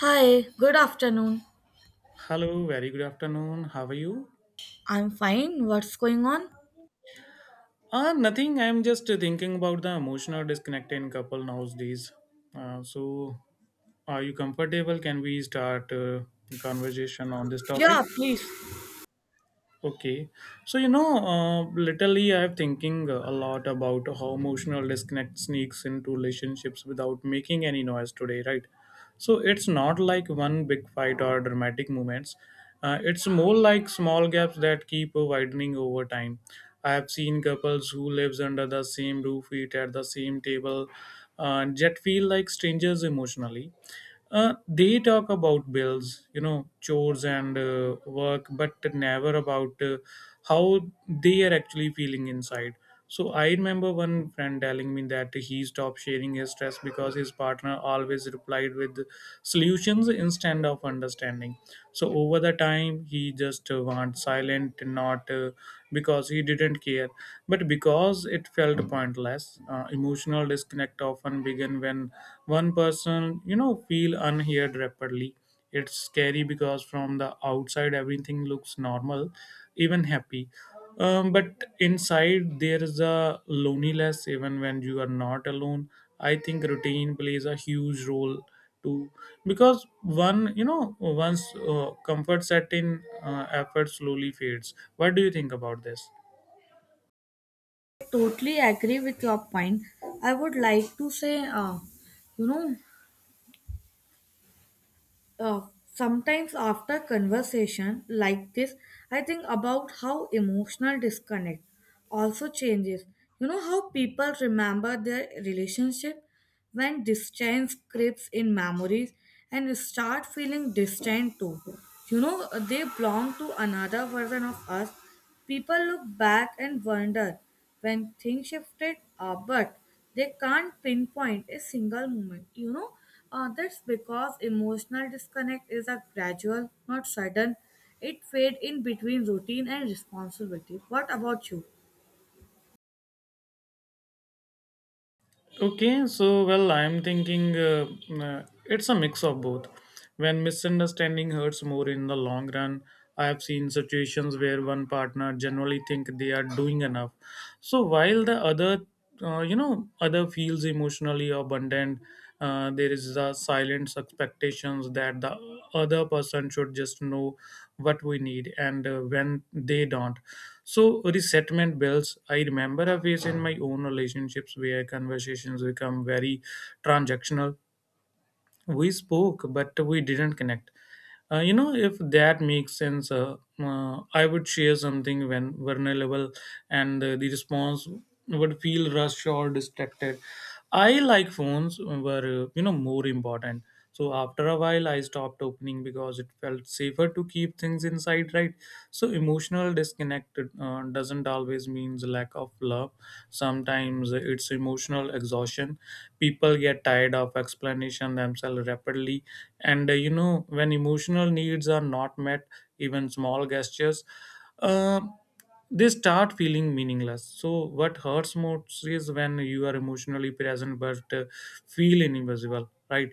Hi, good afternoon. Hello, very good afternoon. How are you? I'm fine. What's going on? Ah, nothing. I'm just thinking about the emotional disconnect in couple nowadays. Uh, so, are you comfortable? Can we start conversation on this topic? Yeah, please. Okay, so literally, I'm thinking a lot about how emotional disconnect sneaks into relationships without making any noise today, right? So it's not like one big fight or dramatic moments. It's more like small gaps that keep widening over time. I have seen couples who lives under the same roof, eat at the same table, yet feel like strangers emotionally. They talk about bills, you know, chores and work, but never about how they are actually feeling inside. So I remember one friend telling me that he stopped sharing his stress because his partner always replied with solutions instead of understanding. So over the time, he just went silent, not because he didn't care, but because it felt pointless. Emotional disconnect often begin when one person, you know, feel unheard rapidly. It's scary because from the outside everything looks normal, even happy. But inside there is a loneliness even when you are not alone. I think routine plays a huge role too because one you know once comfort set in, effort slowly fades. What do you think about this? Totally agree with your point. I would like to say, you know, Uh, sometimes after conversation like this, I think about how emotional disconnect also changes. You know how people remember their relationship when distance creeps in memories and start feeling distant too. You know they belong to another version of us. People look back and wonder when things shifted, but they can't pinpoint a single moment. That's because emotional disconnect is a gradual, not sudden. It fade in between routine and responsibility. What about you? Okay, so well, I'm thinking it's a mix of both. When misunderstanding hurts more in the long run, I have seen situations where one partner generally think they are doing enough, so while the other feels emotionally abundant. There is the silent expectations that the other person should just know what we need and when they don't, so resettlement bills. I remember a phase in my own relationships where conversations become very transactional. We spoke but we didn't connect, you know, if that makes sense. I would share something when vulnerable, and the response would feel rushed or distracted. I like phones were more important, so after a while I stopped opening because it felt safer to keep things inside, right? So emotional disconnect doesn't always means lack of love. Sometimes it's emotional exhaustion. People get tired of explanation themselves rapidly, and when emotional needs are not met, even small gestures uh, they start feeling meaningless. So what hurts most is when you are emotionally present but feel invisible, right?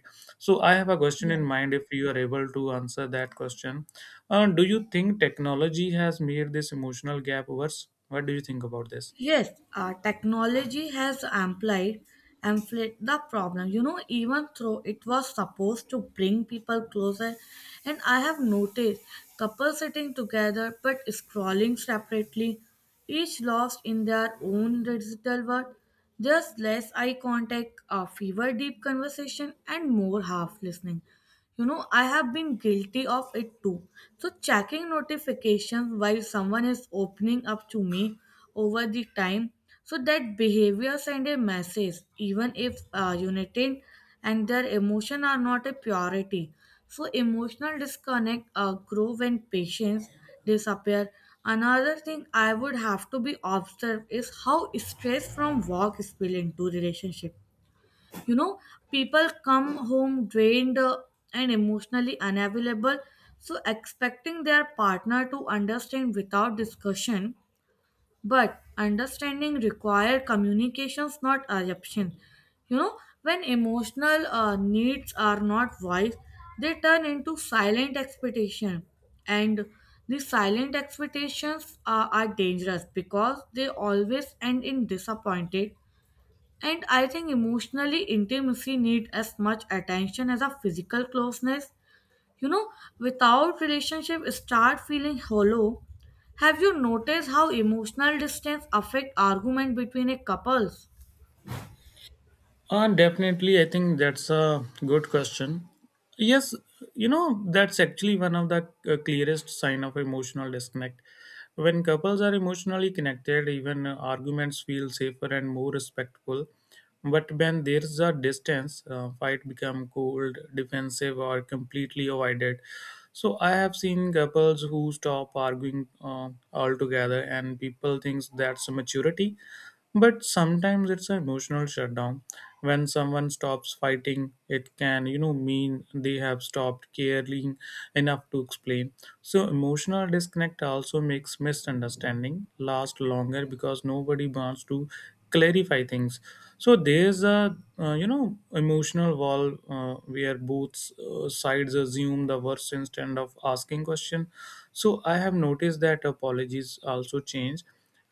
So I have a question Yeah. in mind, if you are able to answer that question: do you think technology has made this emotional gap worse? What do you think about this? Yes, technology has amplified the problem. You know, even though it was supposed to bring people closer, and I have noticed couples sitting together but scrolling separately, each lost in their own digital world. There's less eye contact, fewer deep conversation, and more half listening. You know, I have been guilty of it too. So, checking notifications while someone is opening up to me over the time. So, that behavior send a message, even if united and their emotion are not a purity. So, emotional disconnect grow when patience disappear. Another thing I would have to be observed is how stress from work spill into relationship, you know, people come home drained, and emotionally unavailable, so expecting their partner to understand without discussion, but understanding require communications not assumption, you know, when emotional needs are not voiced, they turn into silent expectation, and these silent expectations are dangerous because they always end in disappointed. And I think emotionally intimacy need as much attention as a physical closeness. You know, without relationship start feeling hollow. Have you noticed how emotional distance affect argument between a couples? Definitely, I think that's a good question. Yes, you know, that's actually one of the clearest sign of emotional disconnect. When couples are emotionally connected, even arguments feel safer and more respectful. But when there's a distance, fight become cold, defensive, or completely avoided. So I have seen couples who stop arguing altogether, and people thinks that's maturity, but sometimes it's an emotional shutdown. When someone stops fighting, it can, you know, mean they have stopped caring enough to explain. So emotional disconnect also makes misunderstanding last longer because nobody wants to clarify things. So there's a, emotional wall, where both sides assume the worst instead of asking question. So I have noticed that apologies also change.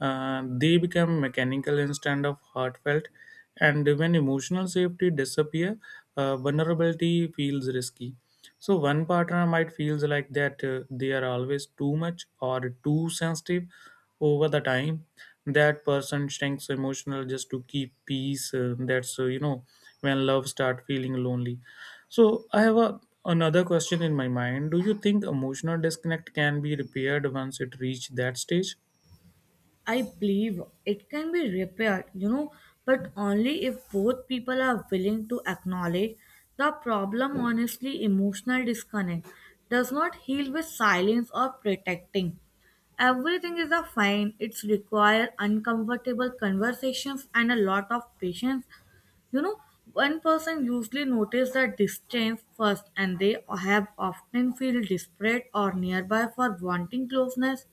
Uh, they become mechanical instead of heartfelt, and when emotional safety disappear, vulnerability feels risky. So one partner might feels like that they are always too much or too sensitive. Over the time, that person shrinks emotional just to keep peace. That's, when love start feeling lonely. So I have a, another question in my mind. Do you think emotional disconnect can be repaired once it reach that stage? I believe it can be repaired, you know, but only if both people are willing to acknowledge the problem. Honestly, emotional disconnect does not heal with silence or protecting. Everything is a fine. It's require uncomfortable conversations and a lot of patience. You know, one person usually notice the distance first, and they have often feel desperate or nearby for wanting closeness,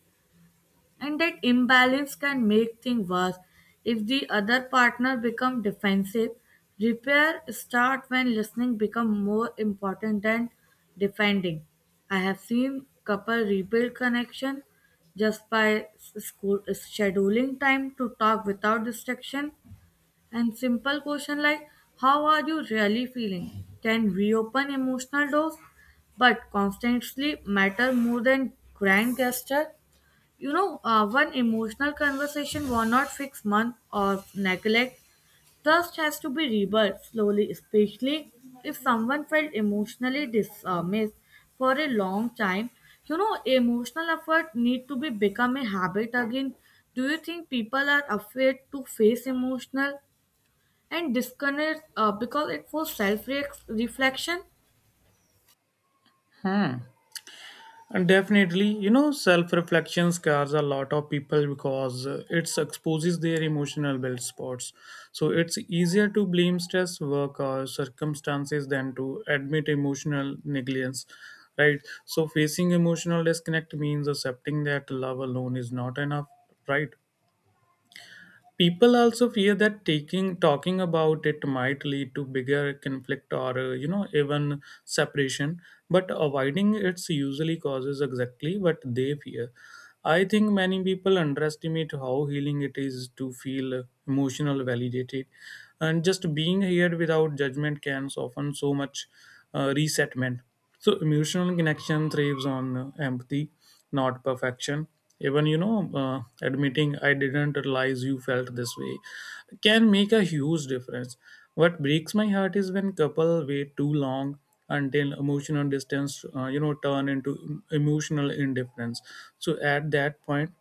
and that imbalance can make things worse if the other partner become defensive. Repair start when listening become more important than defending. I have seen couple rebuild connection just by school scheduling time to talk without distraction, and simple question like how are you really feeling can reopen emotional doors, but constantly matter more than grand gesture. You know, one emotional conversation will not fix month or neglect. Trust has to be rebuilt slowly, especially if someone felt emotionally dismissed for a long time. You know, emotional effort need to be become a habit again. Do you think people are afraid to face emotional and disconnect because it for self reflection? Hmm. And definitely, you know, self reflection scars a lot of people because it exposes their emotional build spots. So it's easier to blame stress, work, or circumstances than to admit emotional negligence, right? So facing emotional disconnect means accepting that love alone is not enough, right? People also fear that taking talking about it might lead to bigger conflict or, even separation, but avoiding it's usually causes exactly what they fear. I think many people underestimate how healing it is to feel emotional validated, and just being here without judgment can soften so much. Uh, resettlement, so emotional connection thrives on empathy, not perfection. Even, you know, admitting I didn't realize you felt this way can make a huge difference. What breaks my heart is when couple wait too long until emotional distance, turn into emotional indifference. So at that point,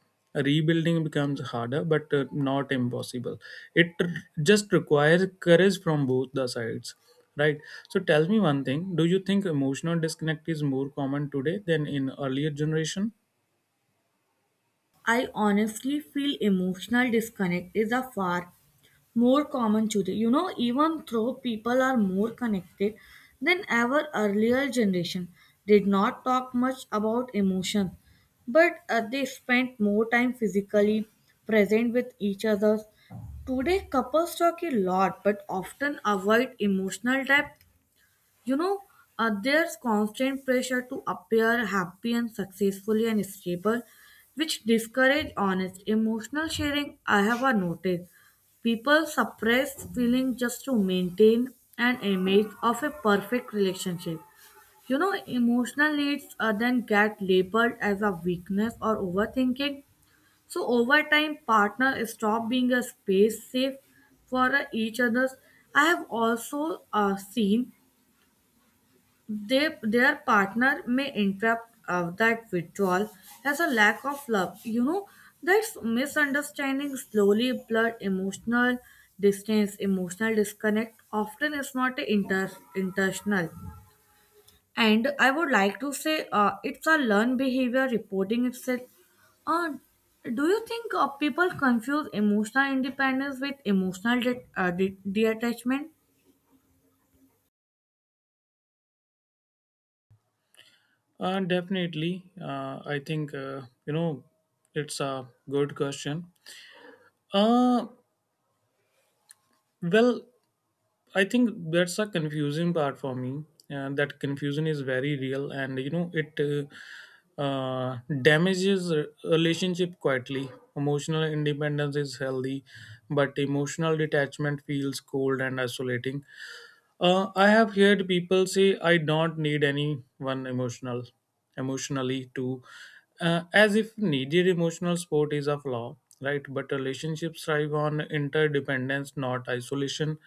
rebuilding becomes harder but not impossible it r- just requires courage from both the sides. Right. So tell me one thing. Do you think emotional disconnect is more common today than in earlier generation? I honestly feel emotional disconnect is a far more common today. You know, even though people are more connected than ever, earlier generation did not talk much about emotion, but they spent more time physically present with each other. Today, couples talk a lot but often avoid emotional depth, you know, there's constant pressure to appear happy and successfully and stable, which discourage honest emotional sharing. I have a noticed people suppress feeling just to maintain an image of a perfect relationship. You know, emotional needs then get labeled as a weakness or overthinking. So over time, partners stop being a space safe for each other's. I have also seen they, their partner may interrupt that withdrawal as a lack of love. You know, that misunderstanding slowly blur emotional distance, emotional disconnect. Often is not a inter- intentional. And I would like to say it's a learned behavior reporting itself. Uh, do you think people confuse emotional independence with emotional detachment? Definitely. I think, you know, it's a good question. Uh, well, I think that's a confusing part for me. That confusion is very real and, you know, it damages a relationship quietly. Emotional independence is healthy, but emotional detachment feels cold and isolating. I have heard people say I don't need anyone emotional, emotionally too, as if needed emotional support is a flaw, right? But relationships thrive on interdependence, not isolation.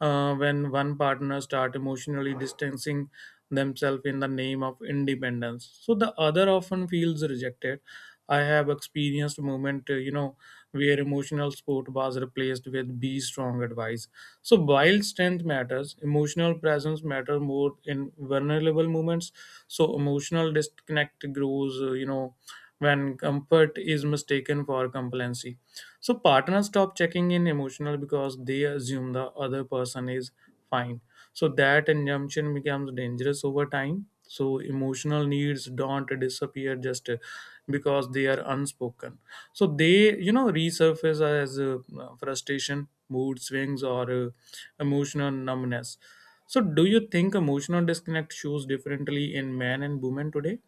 When one partner start emotionally distancing themselves in the name of independence, so the other often feels rejected. I have experienced moment, where emotional support was replaced with be strong advice. So while strength matters, emotional presence matter more in vulnerable moments. So emotional disconnect grows, when comfort is mistaken for complacency. So partners stop checking in emotional because they assume the other person is fine. So that injunction becomes dangerous over time. So emotional needs don't disappear just because they are unspoken. So they, you know, resurface as frustration, mood swings, or emotional numbness. So do you think emotional disconnect shows differently in men and women today?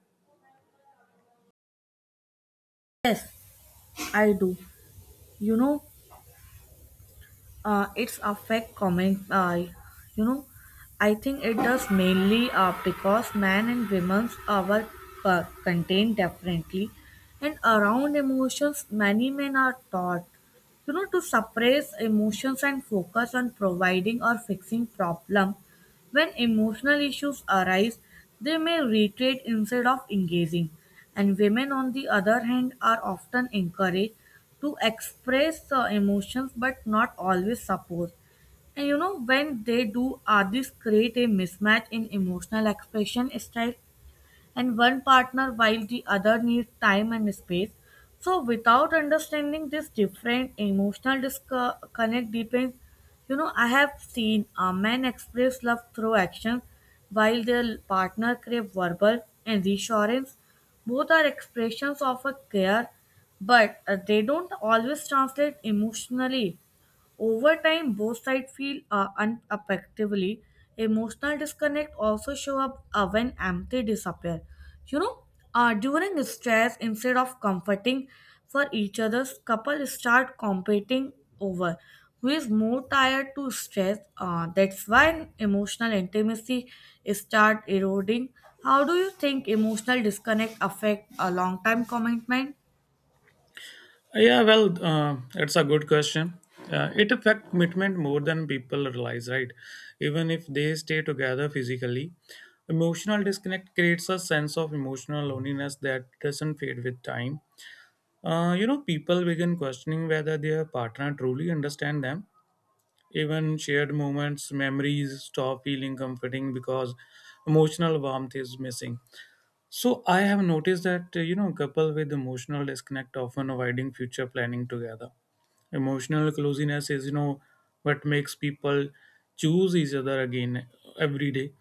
Yes, I do. You know, its affect comment, you know I think it does mainly because men and women's our contain differently and around emotions, many men are taught, you know, to suppress emotions and focus on providing or fixing problem. When emotional issues arise, they may retreat instead of engaging, and women, on the other hand, are often encouraged to express emotions but not always support. And you know, when they do, are this create a mismatch in emotional expression style? And one partner while the other needs time and space. So without understanding this different emotional disconnect depends, you know, I have seen a man express love through action while their partner crave verbal and reassurance. Both are expressions of a care, but they don't always translate emotionally. Over time, both sides feel unaffectively. Emotional disconnect also show up when empathy disappear. You know, during stress, instead of comforting for each other's, couple start competing over who is more tired to stress. That's why emotional intimacy start eroding. How do you think emotional disconnect affect a long-time commitment? Yeah, well, it's a good question. It affects commitment more than people realize, right? Even if they stay together physically, emotional disconnect creates a sense of emotional loneliness that doesn't fade with time. You know, people begin questioning whether their partner truly understands them. Even shared moments, memories stop feeling comforting because emotional warmth is missing. So I have noticed that, couple with emotional disconnect, often avoiding future planning together. Emotional closeness is, you know, what makes people choose each other again every day.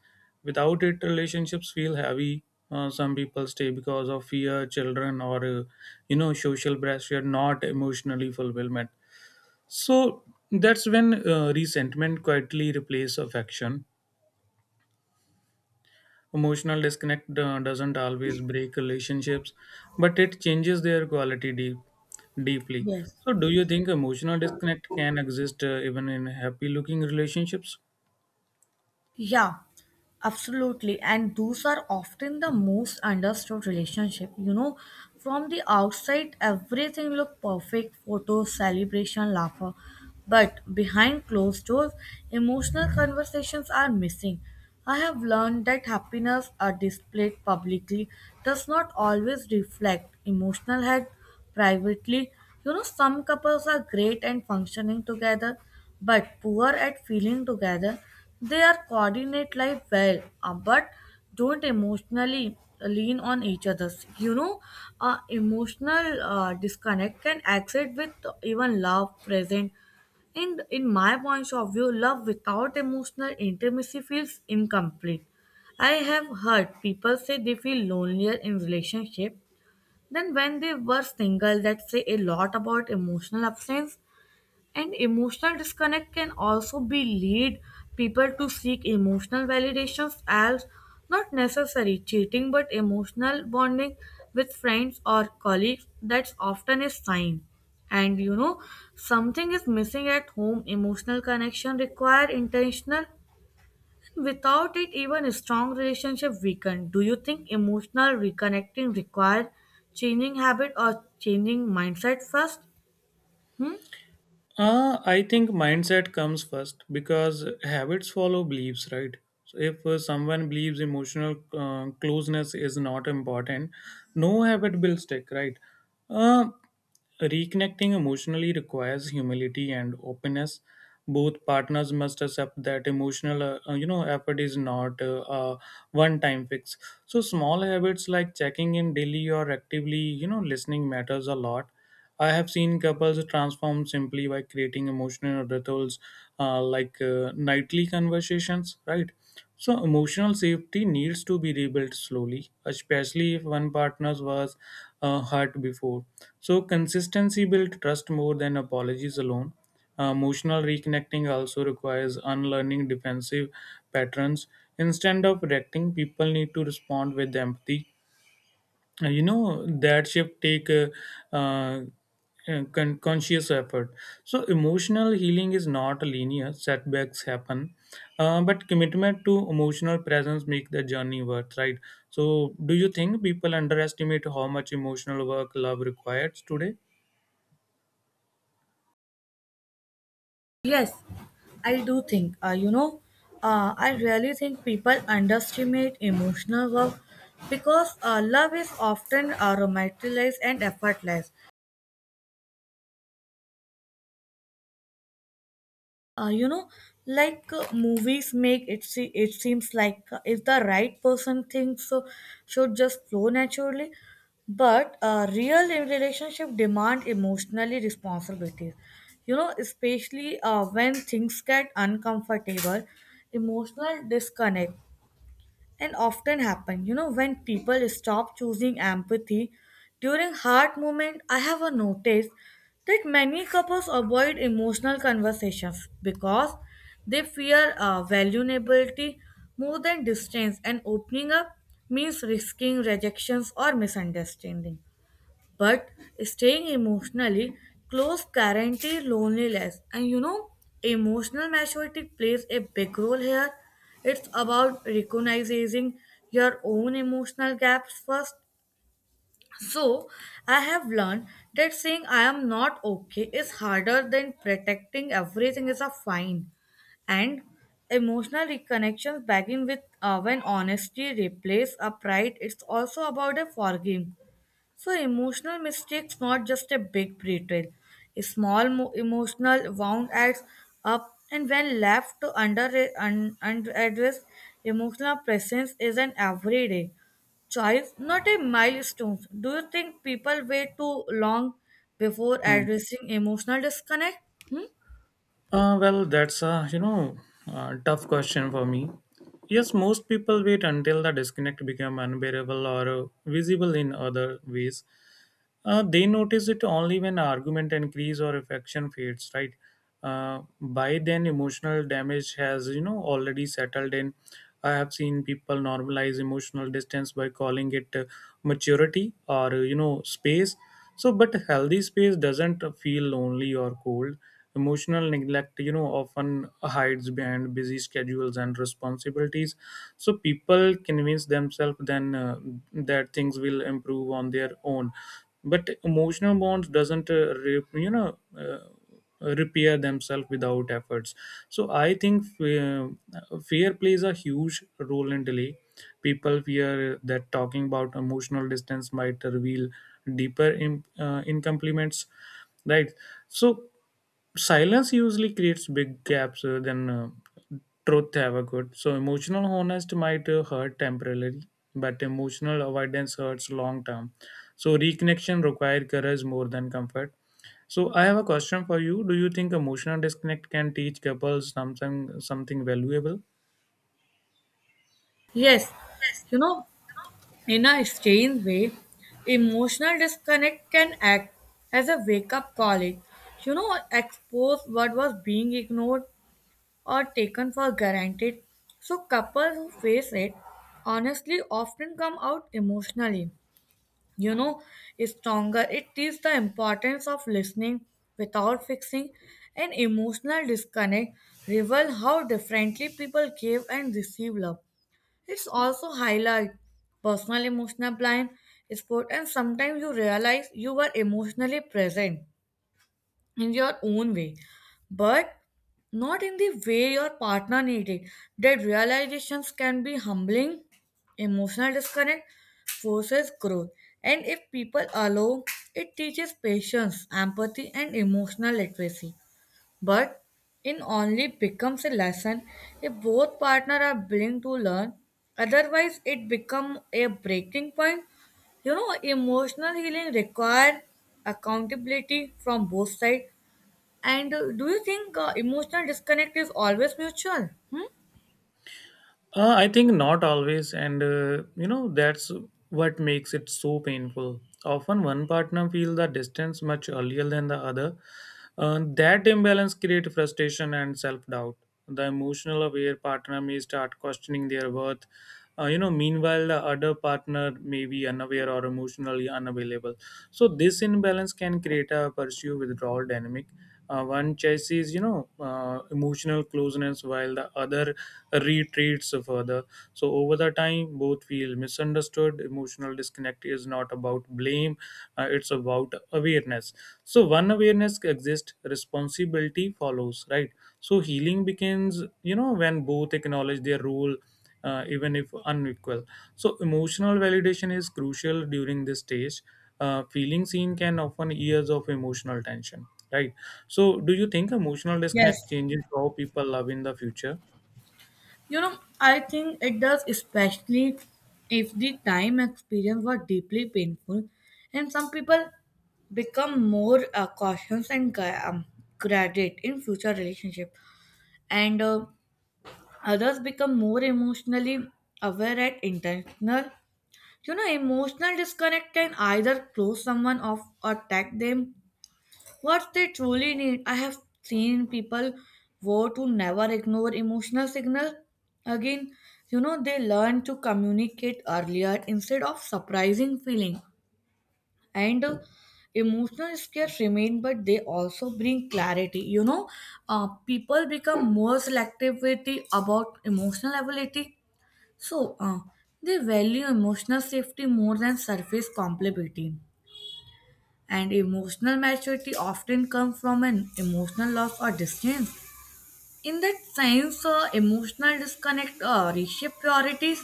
Without it, relationships feel heavy. Some people stay because of fear, children, or, social pressure, not emotionally fulfillment. So that's when resentment quietly replaces affection. Emotional disconnect doesn't always break relationships, but it changes their quality deep, deeply. Yes. So, do you think emotional disconnect can exist even in happy looking relationships? Yeah, absolutely. And those are often the most understood relationship. You know, from the outside, everything look perfect, photos, celebration, laughter. But behind closed doors, emotional conversations are missing. I have learned that happiness are displayed publicly does not always reflect emotional health privately. You know, some couples are great at functioning together, but poor at feeling together. They are coordinate life well, but don't emotionally lean on each other's. You know, emotional disconnect can exist with even love present. And in my point of view, love without emotional intimacy feels incomplete. I have heard people say they feel lonelier in relationship than when they were single. That say a lot about emotional absence. And emotional disconnect can also be lead people to seek emotional validations as not necessary cheating but emotional bonding with friends or colleagues. That's often a sign, and you know, something is missing at home. Emotional connection require intentional. Without it, even a strong relationship weaken. Do you think emotional reconnecting require changing habit or changing mindset first? Hmm? I think mindset comes first because habits follow beliefs, right? So if someone believes emotional closeness is not important, no habit will stick, right? Uh, reconnecting emotionally requires humility and openness. Both partners must accept that emotional, effort is not a one-time fix. So small habits like checking in daily or actively, you know, listening matters a lot. I have seen couples transform simply by creating emotional rituals, like nightly conversations, right? So, emotional safety needs to be rebuilt slowly, especially if one partner was hurt before. So, consistency builds trust more than apologies alone. Emotional reconnecting also requires unlearning defensive patterns. Instead of reacting, people need to respond with empathy. Uh, you know, that shift take uh, conscious effort. So emotional healing is not linear. Setbacks happen, but commitment to emotional presence make the journey worth, right? So do you think people underestimate how much emotional work love requires today? Yes, I do think, I really think people underestimate emotional work because love is often romanticized and effortless. Uh, you know, Movies make it see it seems like if the right person thinks so, should just flow naturally. But real relationship demand emotionally responsibilities. You know, especially when things get uncomfortable, emotional disconnect and often happen, you know, when people stop choosing empathy during hard moment. I have a notice that many couples avoid emotional conversations because they fear vulnerability more than distance, and opening up means risking rejections or misunderstanding, but staying emotionally close guarantees loneliness. And you know, emotional maturity plays a big role here. It's about recognizing your own emotional gaps first. So I have learned that saying I am not okay is harder than protecting everything is a fine. And emotional reconnections begin with when honesty replaces a pride. It's also about a forgiving. So emotional mistakes not just a big betrayal. A emotional wound adds up, and when left to unaddressed, emotional presence is an everyday choice, not a milestone. Do you think people wait too long before Hmm. addressing emotional disconnect? Hmm? Well, that's a, you know, tough question for me. Yes, most people wait until the disconnect become unbearable or visible in other ways. They notice it only when argument increase or affection fades, right? By then, emotional damage has, you know, already settled in. I have seen people normalize emotional distance by calling it maturity or, space. So, but healthy space doesn't feel lonely or cold. Emotional neglect, you know, often hides behind busy schedules and responsibilities. So people convince themselves then that things will improve on their own. But emotional bonds doesn't, repair themselves without efforts. So I think fear plays a huge role in delay. People fear that talking about emotional distance might reveal deeper in, incomplements, right? So silence usually creates big gaps than truth ever could. So emotional honest might hurt temporarily, but emotional avoidance hurts long term. So reconnection requires courage more than comfort. So I have a question for you. Do you think emotional disconnect can teach couples something valuable? Yes, you know, in a strange way, emotional disconnect can act as a wake up call. It, you know, expose what was being ignored or taken for granted. So, couples who face it honestly often come out emotionally. You know, stronger. It teaches the importance of listening without fixing. An emotional disconnect reveals how differently people give and receive love. It's also highlight personal emotional blind spot, and sometimes you realize you are emotionally present in your own way, but not in the way your partner needed. That realizations can be humbling. Emotional disconnect forces growth, and if people allow, it teaches patience, empathy, and emotional literacy. But it only becomes a lesson if both partners are willing to learn. Otherwise, it becomes a breaking point. You know, emotional healing requires accountability from both sides. And do you think emotional disconnect is always mutual? Hmm? I think not always, and you know that's what makes it so painful. Often, one partner feels the distance much earlier than the other. That imbalance creates frustration and self-doubt. The emotional aware partner may start questioning their worth. You know, meanwhile, the other partner may be unaware or emotionally unavailable. So this imbalance can create a pursue withdrawal dynamic. One chases, you know, emotional closeness while the other retreats further. So over the time, both feel misunderstood. Emotional disconnect is not about blame; it's about awareness. So one awareness exists, responsibility follows, right? So healing begins, you know, when both acknowledge their role, even if unequal. So, emotional validation is crucial during this stage. Feeling seen can often years of emotional tension, right? So, do you think emotional Yes, disconnect changes how people love in the future? you know, I think it does, especially if the time experience was deeply painful, and some people become more cautious and guarded in future relationship, and others become more emotionally aware and intentional. You know, emotional disconnect can either close someone off or attack them what they truly need. I have seen people vow to never ignore emotional signal. Again, you know, they learn to communicate earlier instead of surprising feeling. And emotional scares remain, but they also bring clarity. You know, people become more selective with the, about emotional ability. So, they value emotional safety more than surface compatibility, and emotional maturity often comes from an emotional loss or distance. In that sense, emotional disconnect reshape priorities.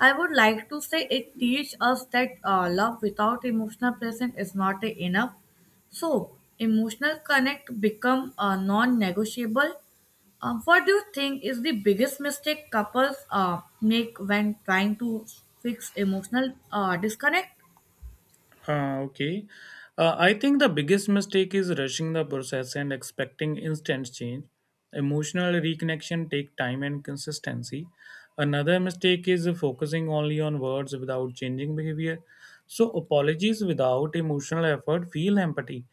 I would like to say it teaches us that love without emotional presence is not enough. So, emotional connect become non-negotiable. What do you think is the biggest mistake couples make when trying to fix emotional disconnect? Okay. I think the biggest mistake is rushing the process and expecting instant change. Emotional reconnection take time and consistency. Another mistake is focusing only on words without changing behavior. So apologies without emotional effort feel empty.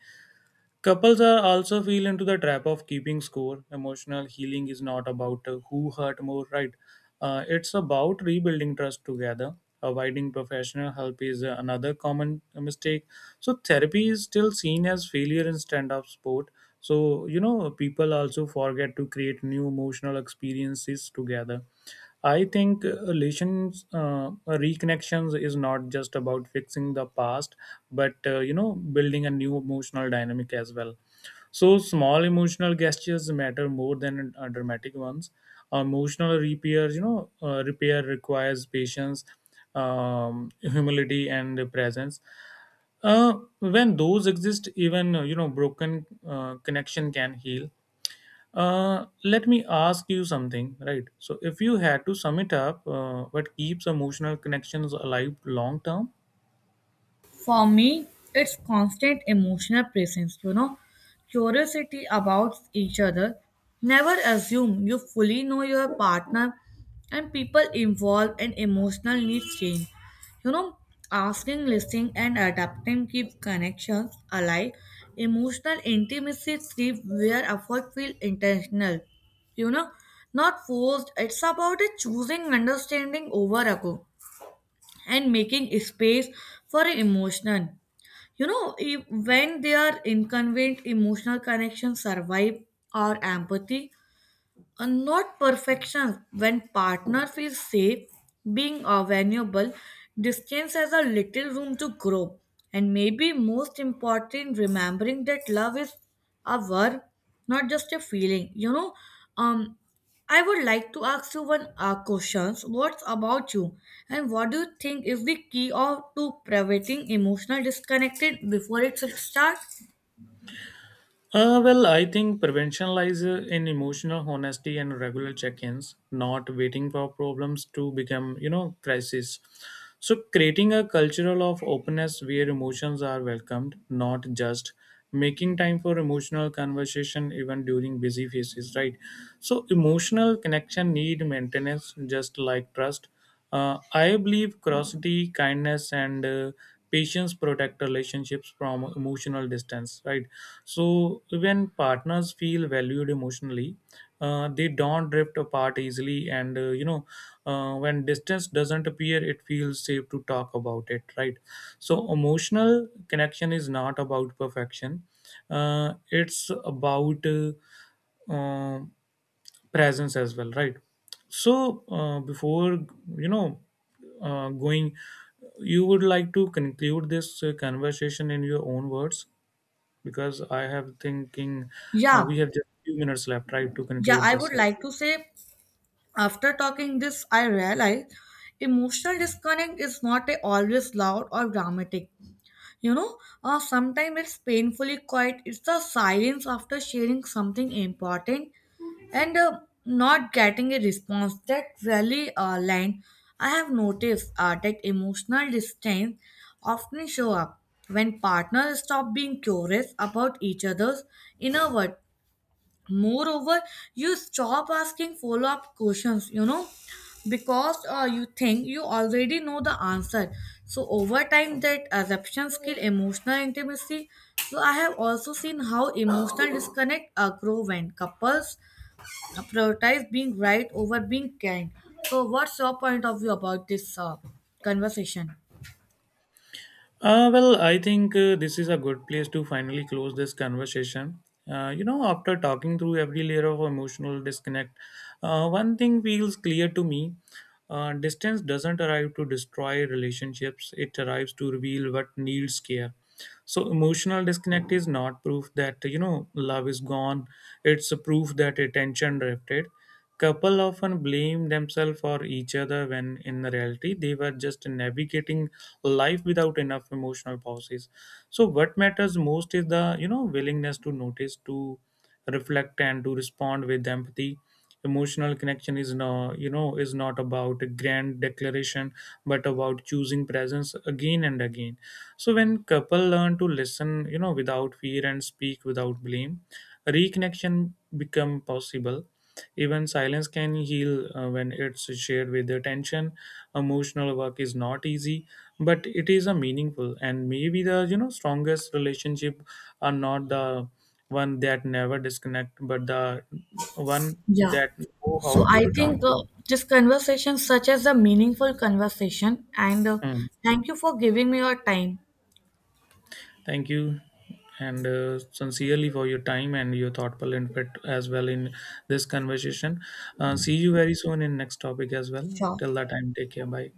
Couples are also feel into the trap of keeping score. Emotional healing is not about who hurt more, right? It's about rebuilding trust together. Avoiding professional help is another common mistake. So therapy is still seen as failure in stand-up sport. So you know people also forget to create new emotional experiences together. I think relations reconnections is not just about fixing the past, but you know building a new emotional dynamic as well. So small emotional gestures matter more than dramatic ones. Emotional repair, you know, repair requires patience, humility, and presence. Uh, when those exist, even you know, broken connection can heal. Let me ask you something, right? So, if you had to sum it up, what keeps emotional connections alive long term? For me, it's constant emotional presence, you know, curiosity about each other. Never assume you fully know your partner, and people involved and emotional needs change. You know, asking, listening, and adapting keep connections alive. Emotional intimacy thrives where effort feels intentional. You know, not forced. It's about a choosing understanding over ago and making space for emotion. You know, if, when their inconvenient, emotional connections survive our empathy and not perfection. When partner feels safe being vulnerable, distance has a little room to grow. And maybe most important, remembering that love is a verb, not just a feeling. Um I would like to ask you one questions, what's about you, and what do you think is the key of to preventing emotional disconnected before it should start? Well, I think prevention lies in emotional honesty and regular check-ins, not waiting for problems to become, you know, crisis. So, creating a cultural of openness where emotions are welcomed, not just making time for emotional conversation even during busy phases, right? So, emotional connection need maintenance, just like trust. I believe curiosity, kindness, and patience protect relationships from emotional distance, right? So, when partners feel valued emotionally, they don't drift apart easily, and you know, when distance doesn't appear, it feels safe to talk about it, right? So, emotional connection is not about perfection, it's about um presence as well, right? So before you know going, you would like to conclude this conversation in your own words because I have thinking Yeah. we have just few minutes left, right, to Yeah, conclude I this. would As like to say, after talking this, I realized emotional disconnect is not a always loud or dramatic. You know, sometimes it's painfully quiet. It's the silence after sharing something important, and not getting a response that really line. I have noticed that emotional distance often show up when partners stop being curious about each other's inner world. Moreover, you stop asking follow up questions, you know, because you think you already know the answer, so over time that assumptions kill emotional intimacy. So I have also seen how emotional disconnect grow when couples prioritize being right over being kind. So what's your point of view about this conversation? well. Well, I think this is a good place to finally close this conversation. You know, after talking through every layer of emotional disconnect, one thing feels clear to me. Distance doesn't arrive to destroy relationships, it arrives to reveal what needs care. So emotional disconnect is not proof that you know love is gone, it's a proof that attention drifted. Couple often blame themselves or each other when in reality they were just navigating life without enough emotional pauses. So what matters most is the you know willingness to notice, to reflect and to respond with empathy. Emotional connection is no you know is not about a grand declaration, but about choosing presence again and again. So when couple learn to listen, you know, without fear and speak without blame, reconnection become possible. Even silence can heal when it's shared with attention. Emotional work is not easy, but it is a meaningful and maybe the you know strongest relationship are not the one that never disconnect, but the one Yeah. that know how So to I return. think this conversation, such as a meaningful conversation, and Mm. thank you for giving me your time. Thank you and sincerely for your time and your thoughtful input as well in this conversation. See you very soon in next topic as well. Sure. Till that time, take care. Bye.